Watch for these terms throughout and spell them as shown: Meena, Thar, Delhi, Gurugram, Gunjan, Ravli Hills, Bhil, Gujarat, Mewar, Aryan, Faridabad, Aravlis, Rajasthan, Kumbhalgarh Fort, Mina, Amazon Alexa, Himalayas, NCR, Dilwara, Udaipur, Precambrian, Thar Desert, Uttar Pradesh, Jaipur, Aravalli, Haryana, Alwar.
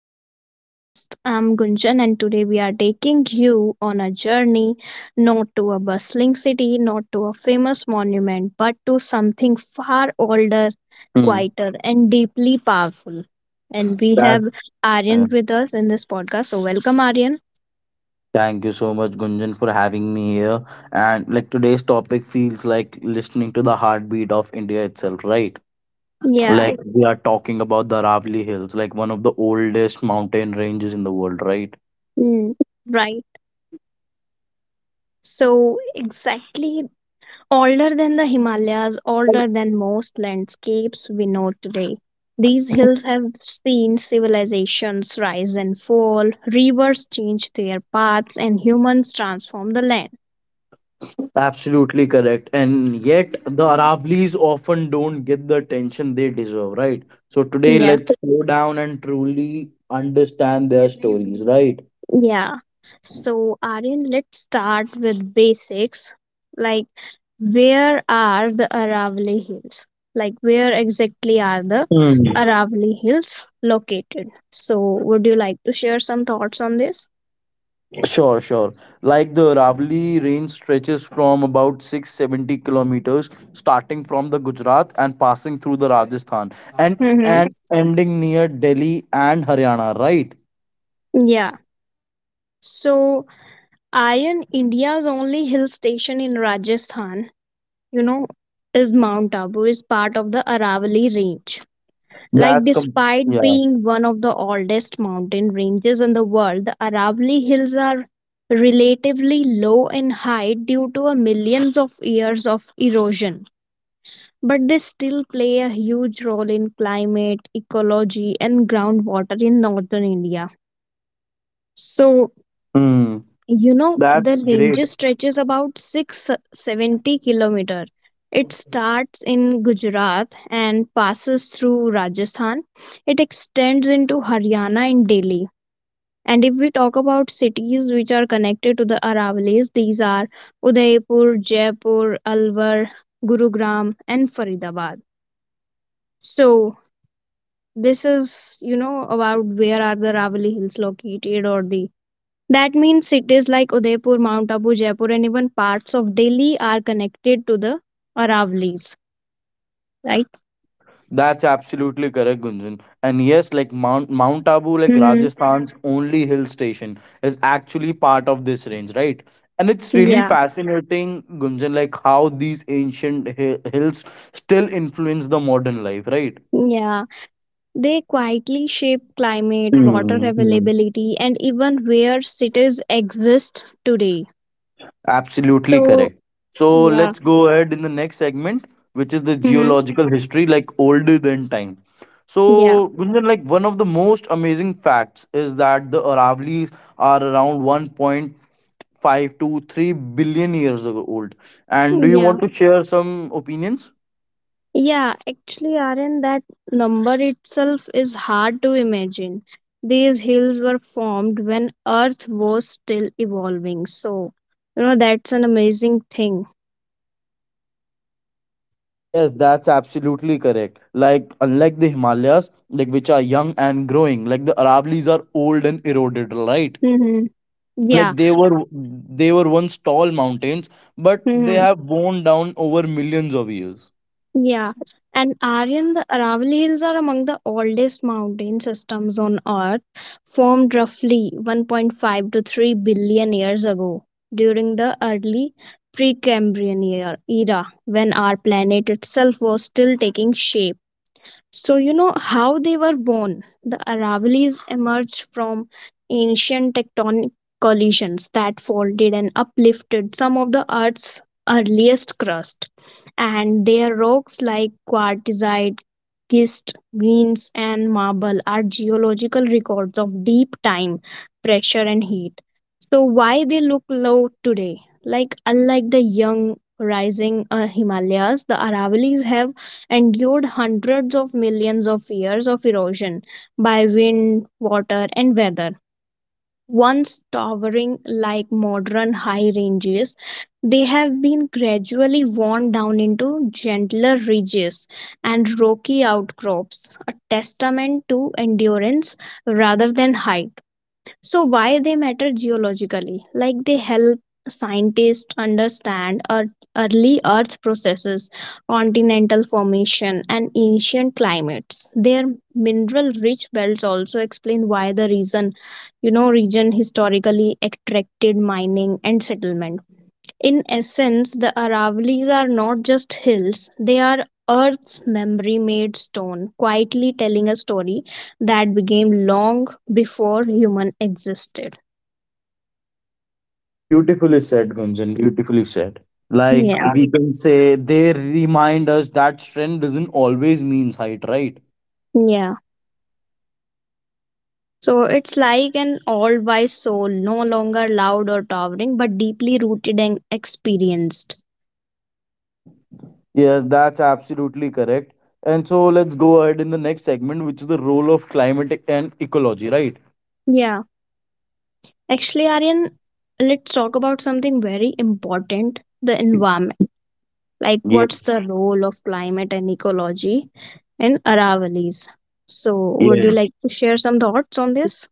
to our podcast. I'm Gunjan, and today we are taking you on a journey not to a bustling city, not to a famous monument, but to something far older, Mm. quieter, and deeply powerful. And we That have Yeah. Aryan with us in this podcast. So, welcome, Aryan. Thank you so much, Gunjan, for having me here. And like today's topic feels like listening to the heartbeat of India itself, right? Yeah, Like we are talking about the Ravli Hills, like one of the oldest mountain ranges in the world, right? mm, right. So, exactly. Older than the Himalayas, older than most landscapes we know today, these hills have seen civilizations rise and fall, rivers change their paths, and humans transform the land. Absolutely correct. And yet the Aravlis often don't get the attention they deserve, right? So today Yeah. let's slow down and truly understand their stories, right? Yeah. So, Aryan, let's start with basics. Like, where are the Aravalli Hills? Like, where exactly are the Hmm. Aravalli Hills located? So, would you like to share some thoughts on this? Sure, sure. Like the Ravli range stretches from about 670 kilometers, starting from the Gujarat and passing through the Rajasthan and Mm-hmm. and ending near Delhi and Haryana, right? Yeah. So, Iron India's only hill station in Rajasthan, you know, is Mount Abu, is part of the Aravalli Range. Like, That's com- despite yeah. being one of the oldest mountain ranges in the world, the Aravalli Hills are relatively low in height due to a millions of years of erosion. But they still play a huge role in climate, ecology, and groundwater in northern India. So, Hmm. you know, That's the range great. stretches about 670 kilometer. It starts in Gujarat and passes through Rajasthan. It extends into Haryana and Delhi. And if we talk about cities which are connected to the Aravallis, these are Udaipur, Jaipur, Alwar, Gurugram, and Faridabad. So this is, you know, about where are the Aravalli hills located, or the that means cities like Udaipur, Mount Abu, Jaipur, and even parts of Delhi are connected to the Aravallis, right? That's absolutely correct, Gunjan. And yes, like Mount Abu, like Hmm. Rajasthan's only hill station, is actually part of this range, right? And it's really Yeah, fascinating, Gunjan, like how these hills still influence the modern life, right? yeah. They quietly shape climate, water Hmm, hmm. availability, and even where cities exist today. Absolutely So, correct. So yeah, let's go ahead in the next segment, which is the hmm, geological history, like older than time. yeah, So, Gunjan, like one of the most amazing facts is that the Aravallis are around 1.5 to 3 billion years ago old. And do you yeah. want to share some opinions? Yeah, actually, are that number itself is hard to imagine. These hills were formed when Earth was still evolving. So, you know, that's an amazing thing. Yes, that's absolutely correct. Like, unlike the Himalayas, like which are young and growing, like the Aravallis are old and eroded, right? Hmm. Like Yeah. they were once tall mountains, but they Mm-hmm. have worn down over millions of years. Yeah, and Aryan, the Aravalli Hills are among the oldest mountain systems on Earth, formed roughly 1.5 to 3 billion years ago during the early Precambrian era, when our planet itself was still taking shape. So, you know how they were born. The Aravallis emerged from ancient tectonic collisions that folded and uplifted some of the Earth's earliest crust. And their rocks, like quartzite, schist, greens, and marble, are geological records of deep time, pressure, and heat. So, why they look low today? Like, unlike the young rising Himalayas, the Aravallis have endured hundreds of millions of years of erosion by wind, water, and weather. Once towering like modern high ranges, they have been gradually worn down into gentler ridges and rocky outcrops, a testament to endurance rather than height. So, why they matter geologically? Like they help scientists understand early earth processes, continental formation, and ancient climates. Their mineral rich belts also explain why the reason, you know, region historically attracted mining and settlement. In essence, the Aravali's are not just hills, they are Earth's memory made stone, quietly telling a story that began long before human existed. Beautifully said, Gunjan, beautifully said. Like Yeah, we can say they remind us that strength doesn't always means height, right? yeah. So it's like an all wise soul, no longer loud or towering, but deeply rooted and experienced. Yes, that's absolutely correct. And so let's go ahead in the next segment, which is the role of climate and ecology, right? Yeah. Actually, Aryan, let's talk about something very important, the environment, like what's the Yes, role of climate and ecology in Aravallis? So, would you like to yes. share some thoughts on this?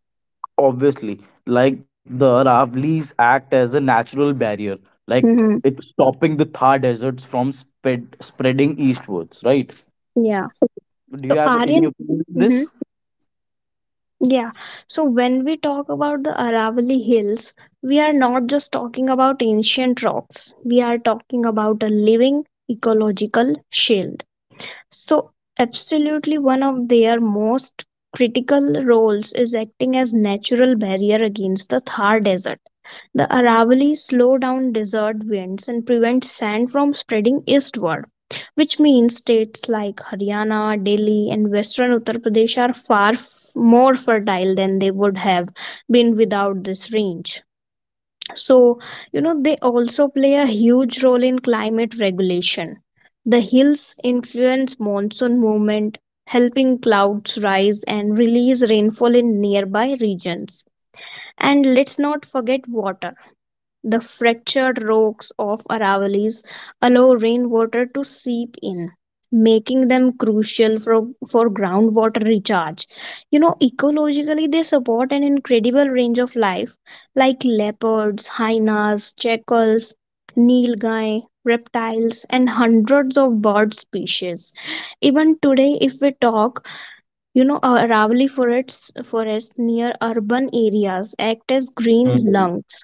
Obviously, like the Ravlis act as a natural barrier, like Mm-hmm. it's stopping the Thar deserts from spreading eastwards, right? Yeah. Do So, you have any Aryan, opinion on mm-hmm, this? yeah. So, when we talk about the Aravalli Hills, we are not just talking about ancient rocks, we are talking about a living ecological shell. So, absolutely one of their most critical roles is acting as natural barrier against the Thar Desert. The Aravallis slow down desert winds and prevent sand from spreading eastward, which means states like Haryana, Delhi, and western Uttar Pradesh are more fertile than they would have been without this range. So, you know, they also play a huge role in climate regulation. The hills influence monsoon movement, helping clouds rise and release rainfall in nearby regions. And let's not forget water. The fractured rocks of Aravallis allow rainwater to seep in, making them crucial for groundwater recharge. You know, ecologically, they support an incredible range of life like leopards, hyenas, jackals, nilgai, reptiles, and hundreds of bird species. Even today, if we talk, you know, Aravalli forests near urban areas act as green Mhm. lungs,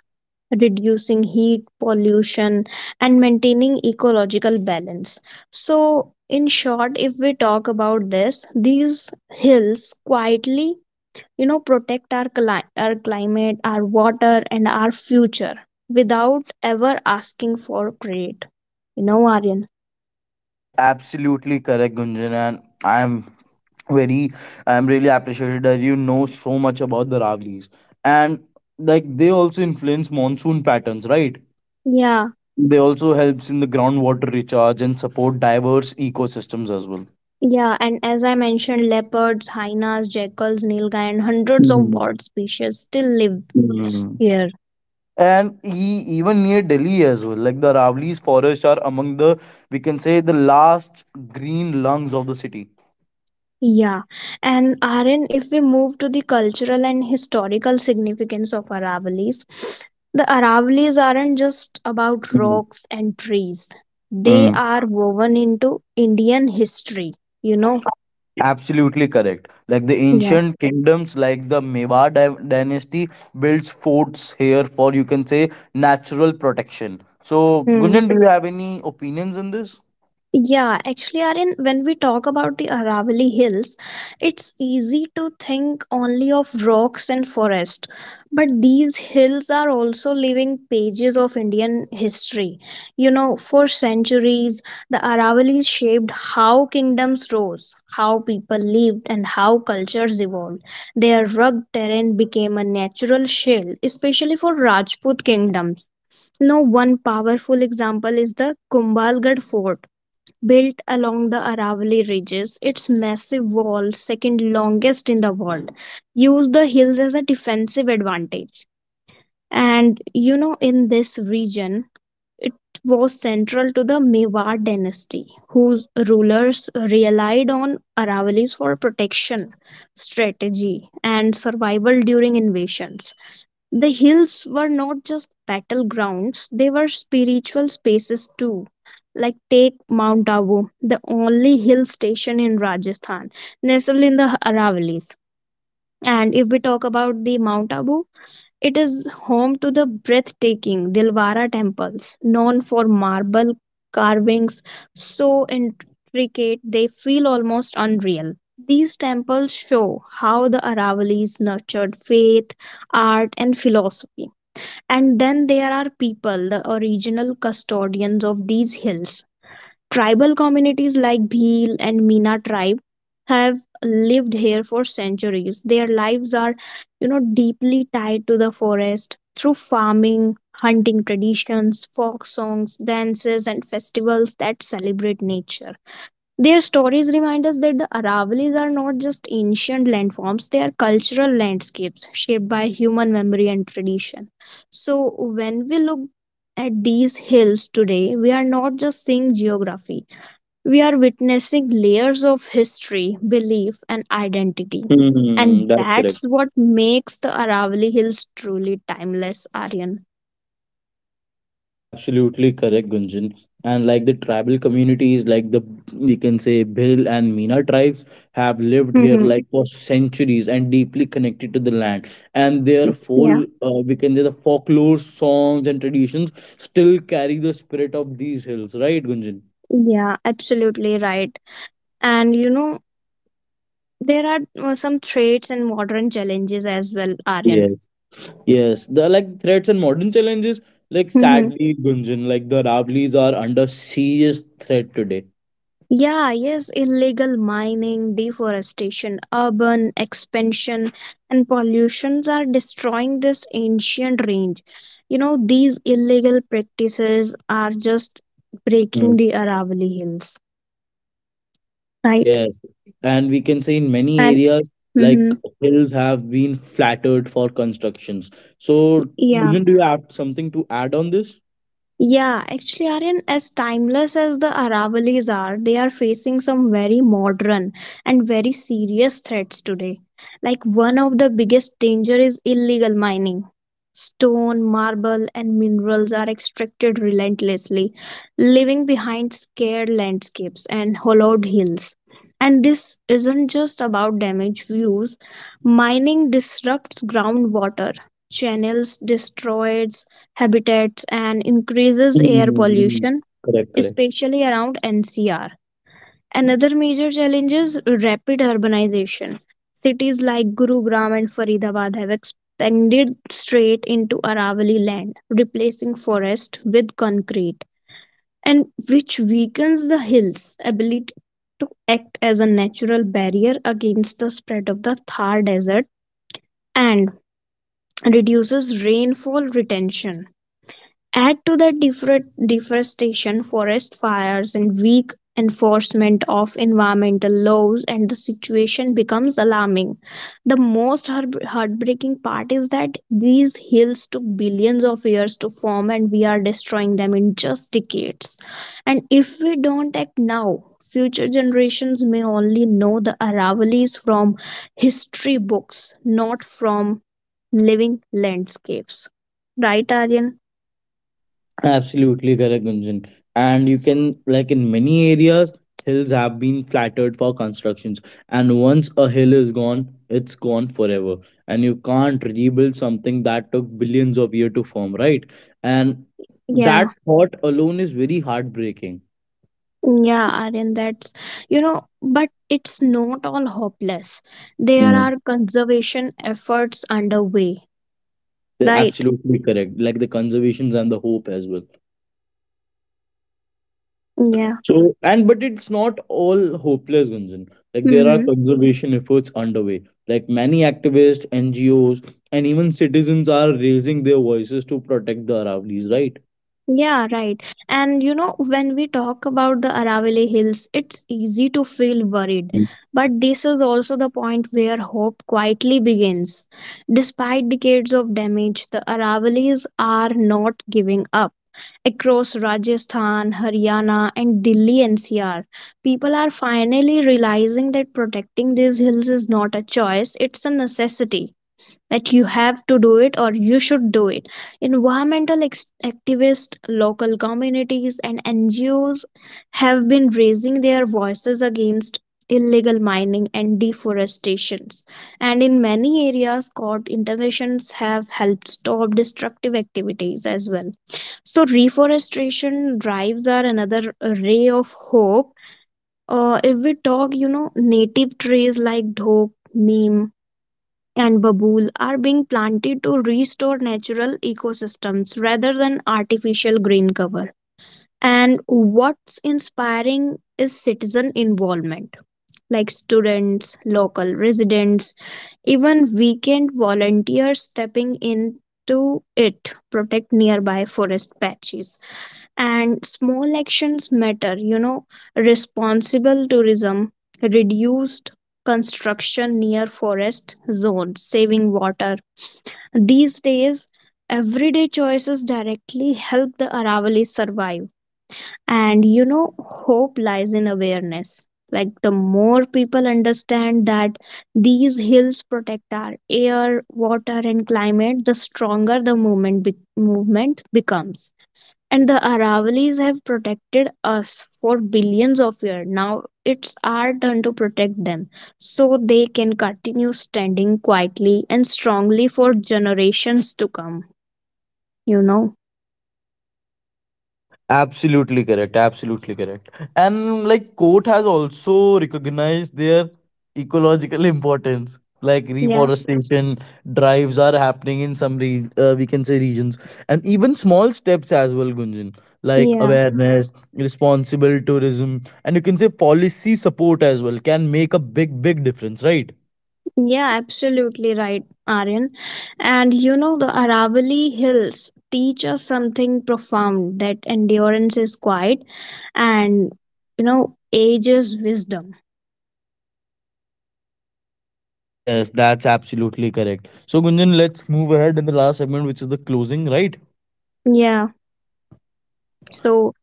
reducing heat pollution and maintaining ecological balance. So in short, if we talk about this, these hills quietly, you know, protect our climate, our water, and our future without ever asking for credit, you know, Aryan. Absolutely correct, Gunjan, and I'm very, I'm really appreciated that you know so much about the Ravlis. And like they also influence monsoon patterns, right? Yeah, They also helps in the groundwater recharge and support diverse ecosystems as well. yeah, and as I mentioned, leopards, hyenas, jackals, nilgai, and hundreds of bird species still live Mhm. here. And even near Delhi as well. Like the Ravli's forests are among the, we can say, the last green lungs of the city. Yeah, and Aryan, if we move to the cultural and historical significance of Aravallis, the Aravallis aren't just about Mm, rocks and trees. They mm. are woven into Indian history, you know? Absolutely correct. Like the Yeah. ancient kingdoms, like the dynasty, builds forts here for, you can say, natural protection. So, Gunjan, do you have any opinions in this? Yeah, actually, Aryan, when we talk about the Aravalli Hills, it's easy to think only of rocks and forest. But these hills are also living pages of Indian history. You know, for centuries, the Aravallis shaped how kingdoms rose, how people lived, and how cultures evolved. Their rugged terrain became a natural shield, especially for Rajput kingdoms. No, one powerful example is the Kumbhalgarh Fort built along the Aravalli Ridges. Its massive wall, second longest in the world, used the hills as a defensive advantage. And you know, in this region, it was central to the Mewar dynasty, whose rulers relied on Aravallis for protection, strategy, and survival during invasions. The hills were not just battlegrounds, they were spiritual spaces too. Like, take Mount Abu, the only hill station in Rajasthan, nestled in the Aravallis. And if we talk about the Mount Abu, it is home to the breathtaking Dilwara temples, known for marble carvings so intricate they feel almost unreal. These temples show how the Aravallis nurtured faith, art, and philosophy. And then there are people, the original custodians of these hills. Tribal communities like Bhil and Mina tribe have lived here for centuries. Their lives are, you know, deeply tied to the forest through farming, hunting traditions, folk songs, dances, and festivals that celebrate nature. Their stories remind us that the Aravalis are not just ancient landforms, they are cultural landscapes shaped by human memory and tradition. So, when we look at these hills today, we are not just seeing geography, we are witnessing layers of history, belief, and identity. Mm, And that's correct. that's what makes the Aravali Hills truly timeless, Aryan. That's absolutely correct, Gunjan. And like the tribal communities, like the, we can say, Bhil and Meena tribes have lived here Hmm, like for centuries and deeply connected to the land. And their yeah, full we can say the folklore songs and traditions still carry the spirit of these hills, right, Gunjan? yeah, absolutely right. And you know, there are some traits and modern challenges as well, Aryan. Yes, yes. The, like, threats and modern challenges, like Mm-hmm. sadly, Gunjan, like the Ravlis are under serious threat today. Yeah, yes, illegal mining, deforestation, urban expansion, and pollutions are destroying this ancient range. You know, these illegal practices are just breaking the Aravalli Hills, right? Yes, and we can say in many And areas, like mm-hmm, hills have been flattered for constructions. So, yeah. Gunjan, do you have something to add on this? Yeah, actually, Aryan, as timeless as the Aravalis are, they are facing some very modern and very serious threats today. Like, one of the biggest danger is illegal mining. Stone, marble, and minerals are extracted relentlessly, leaving behind scarred landscapes and hollowed hills. And this isn't just about damaged views. Mining disrupts groundwater, channels destroyed, habitats and increases air Mm. pollution, Correct, correct. especially around NCR. Another major challenge is rapid urbanization. Cities like Gurugram and Faridabad have expanded straight into Aravali land, replacing forest with concrete, and which weakens the hills' ability to act as a natural barrier against the spread of the Thar Desert and reduces rainfall retention. Add to the deforestation, forest fires, and weak enforcement of environmental laws, and the situation becomes alarming. The most heartbreaking part is that these hills took billions of years to form, and we are destroying them in just decades. And if we don't act now, future generations may only know the Aravalis from history books, not from living landscapes. Right, Aryan? Absolutely correct, Gunjan. And you can, like in many areas, hills have been flattered for constructions. And once a hill is gone, it's gone forever. And you can't rebuild something that took billions of years to form, right? And Yeah. that thought alone is very heartbreaking. Yeah, Aryan, that's, you know, but it's not all hopeless. There are conservation efforts underway, They're right? absolutely correct. Like the conservations and the hope as well. Yeah. So, and but it's not all hopeless, Gunjan. Like there are Hmm. conservation efforts underway. Like many activists, NGOs, and even citizens are raising their voices to protect the Aravallis, right? Yeah, right. And you know, when we talk about the Aravalli Hills, it's easy to feel worried. But this is also the point where hope quietly begins. Despite decades of damage, the Aravallis are not giving up. Across Rajasthan, Haryana, and Delhi NCR, people are finally realizing that protecting these hills is not a choice, it's a necessity, that you have to do it or you should do it. Environmental activists, local communities, and NGOs have been raising their voices against illegal mining and deforestations. And in many areas, court interventions have helped stop destructive activities as well. So, reforestation drives are another ray of hope. If we talk, you know, native trees like dhok, neem, and babool are being planted to restore natural ecosystems rather than artificial green cover. And what's inspiring is citizen involvement, like students, local residents, even weekend volunteers stepping into it, protect nearby forest patches. And small actions matter, you know, responsible tourism, reduced construction near forest zones, saving water. These days, everyday choices directly help the Aravali survive. And you know, hope lies in awareness. Like, the more people understand that these hills protect our air, water, and climate, the stronger movement becomes. And the Aravalis have protected us for billions of years. Now it's our turn to protect them, so they can continue standing quietly and strongly for generations to come. You know? Absolutely correct. Absolutely correct. And like court has also recognized their ecological importance. Like Yeah. reforestation drives are happening in some we can say regions, and even small steps as well, Gunjan, like Yeah. awareness, responsible tourism, and you can say policy support as well can make a big, big difference, right? Yeah, absolutely right, Aryan. And you know, the Aravalli Hills teach us something profound, that endurance is quiet and, you know, age is wisdom. Yes, that's absolutely correct. So, Gunjan, let's move ahead in the last segment, which is the closing, right? Yeah. So,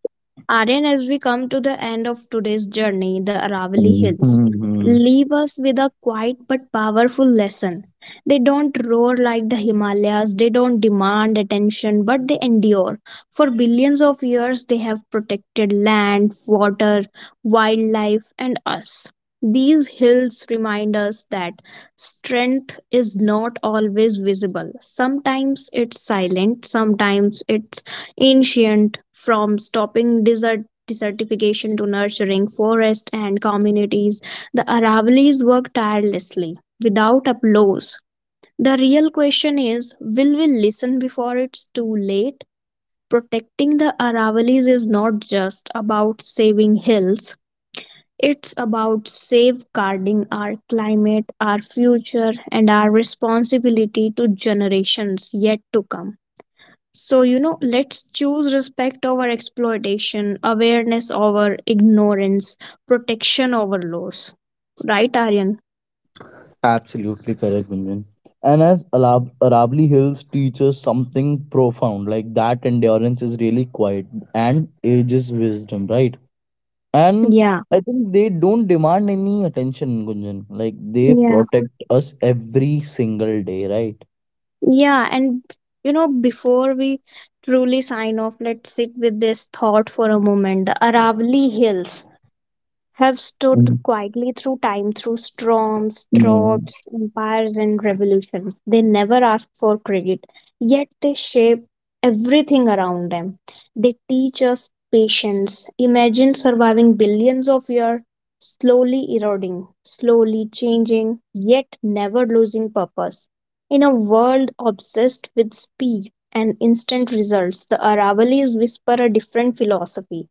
Aryan, as we come to the end of today's journey, the Aravali Hills Hmm. leave us with a quiet but powerful lesson. They don't roar like the Himalayas, they don't demand attention, but they endure. For billions of years, they have protected land, water, wildlife, and us. These hills remind us that strength is not always visible. Sometimes it's silent, sometimes it's ancient, from stopping desertification to nurturing forests and communities. The Aravallis work tirelessly without applause. The real question is, will we listen before it's too late? Protecting the Aravallis is not just about saving hills, it's about safeguarding our climate, our future, and our responsibility to generations yet to come. So, you know, let's choose respect over exploitation, awareness over ignorance, protection over laws. Right, Aryan? Absolutely correct, Gunjan. And as Arabli Hills teaches something profound, like that endurance is really quiet and ages wisdom, right? And Yeah, I think they don't demand any attention, Gunjan. Like they yeah, protect us every single day, right? yeah. And, you know, before we truly sign off, let's sit with this thought for a moment. The Aravali Hills have stood Mm. quietly through time, through storms, Yeah, droughts, empires, and revolutions. They never ask for credit, yet they shape everything around them. They teach us patience. Imagine surviving billions of years, slowly eroding, slowly changing, yet never losing purpose. In a world obsessed with speed and instant results, the Aravallis whisper a different philosophy.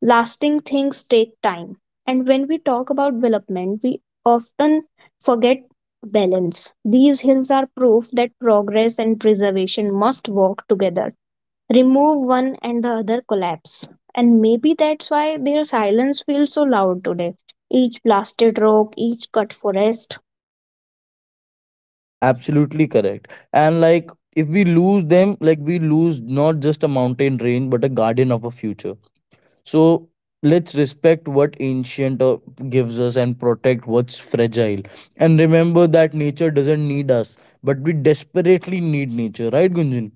Lasting things take time. And when we talk about development, we often forget balance. These hills are proof that progress and preservation must walk together. Remove one and the other collapse. And maybe that's why their silence feels so loud today. Each blasted rock, each cut forest feels like a sentence erased absolutely from correct. And like Earth's if we oldest lose them, storybook. like we But lose not just a stories mountain can range, still but a be garden of a protected, future. futures can still be So rewritten, let's respect every what conscious ancient choice gives us and protect supporting what's fragile. And remember conservation, that nature doesn't need questioning us, but we harmful desperately objects, need nature, right, Gunjan?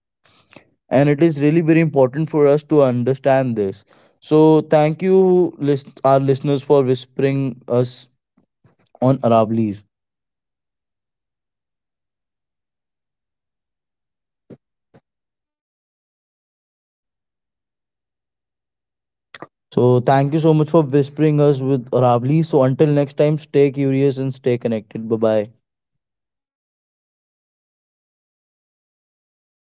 you know, so we should And it is protect really very them. important So, for us thank you to for joining, understand this. Aryan. So thank We'll meet you, in list next our listeners, for podcast. whispering us on Arablis. So thank you so much for whispering us with Arabli. So until next time, stay curious and stay connected. Bye bye. अरे यार हर्षू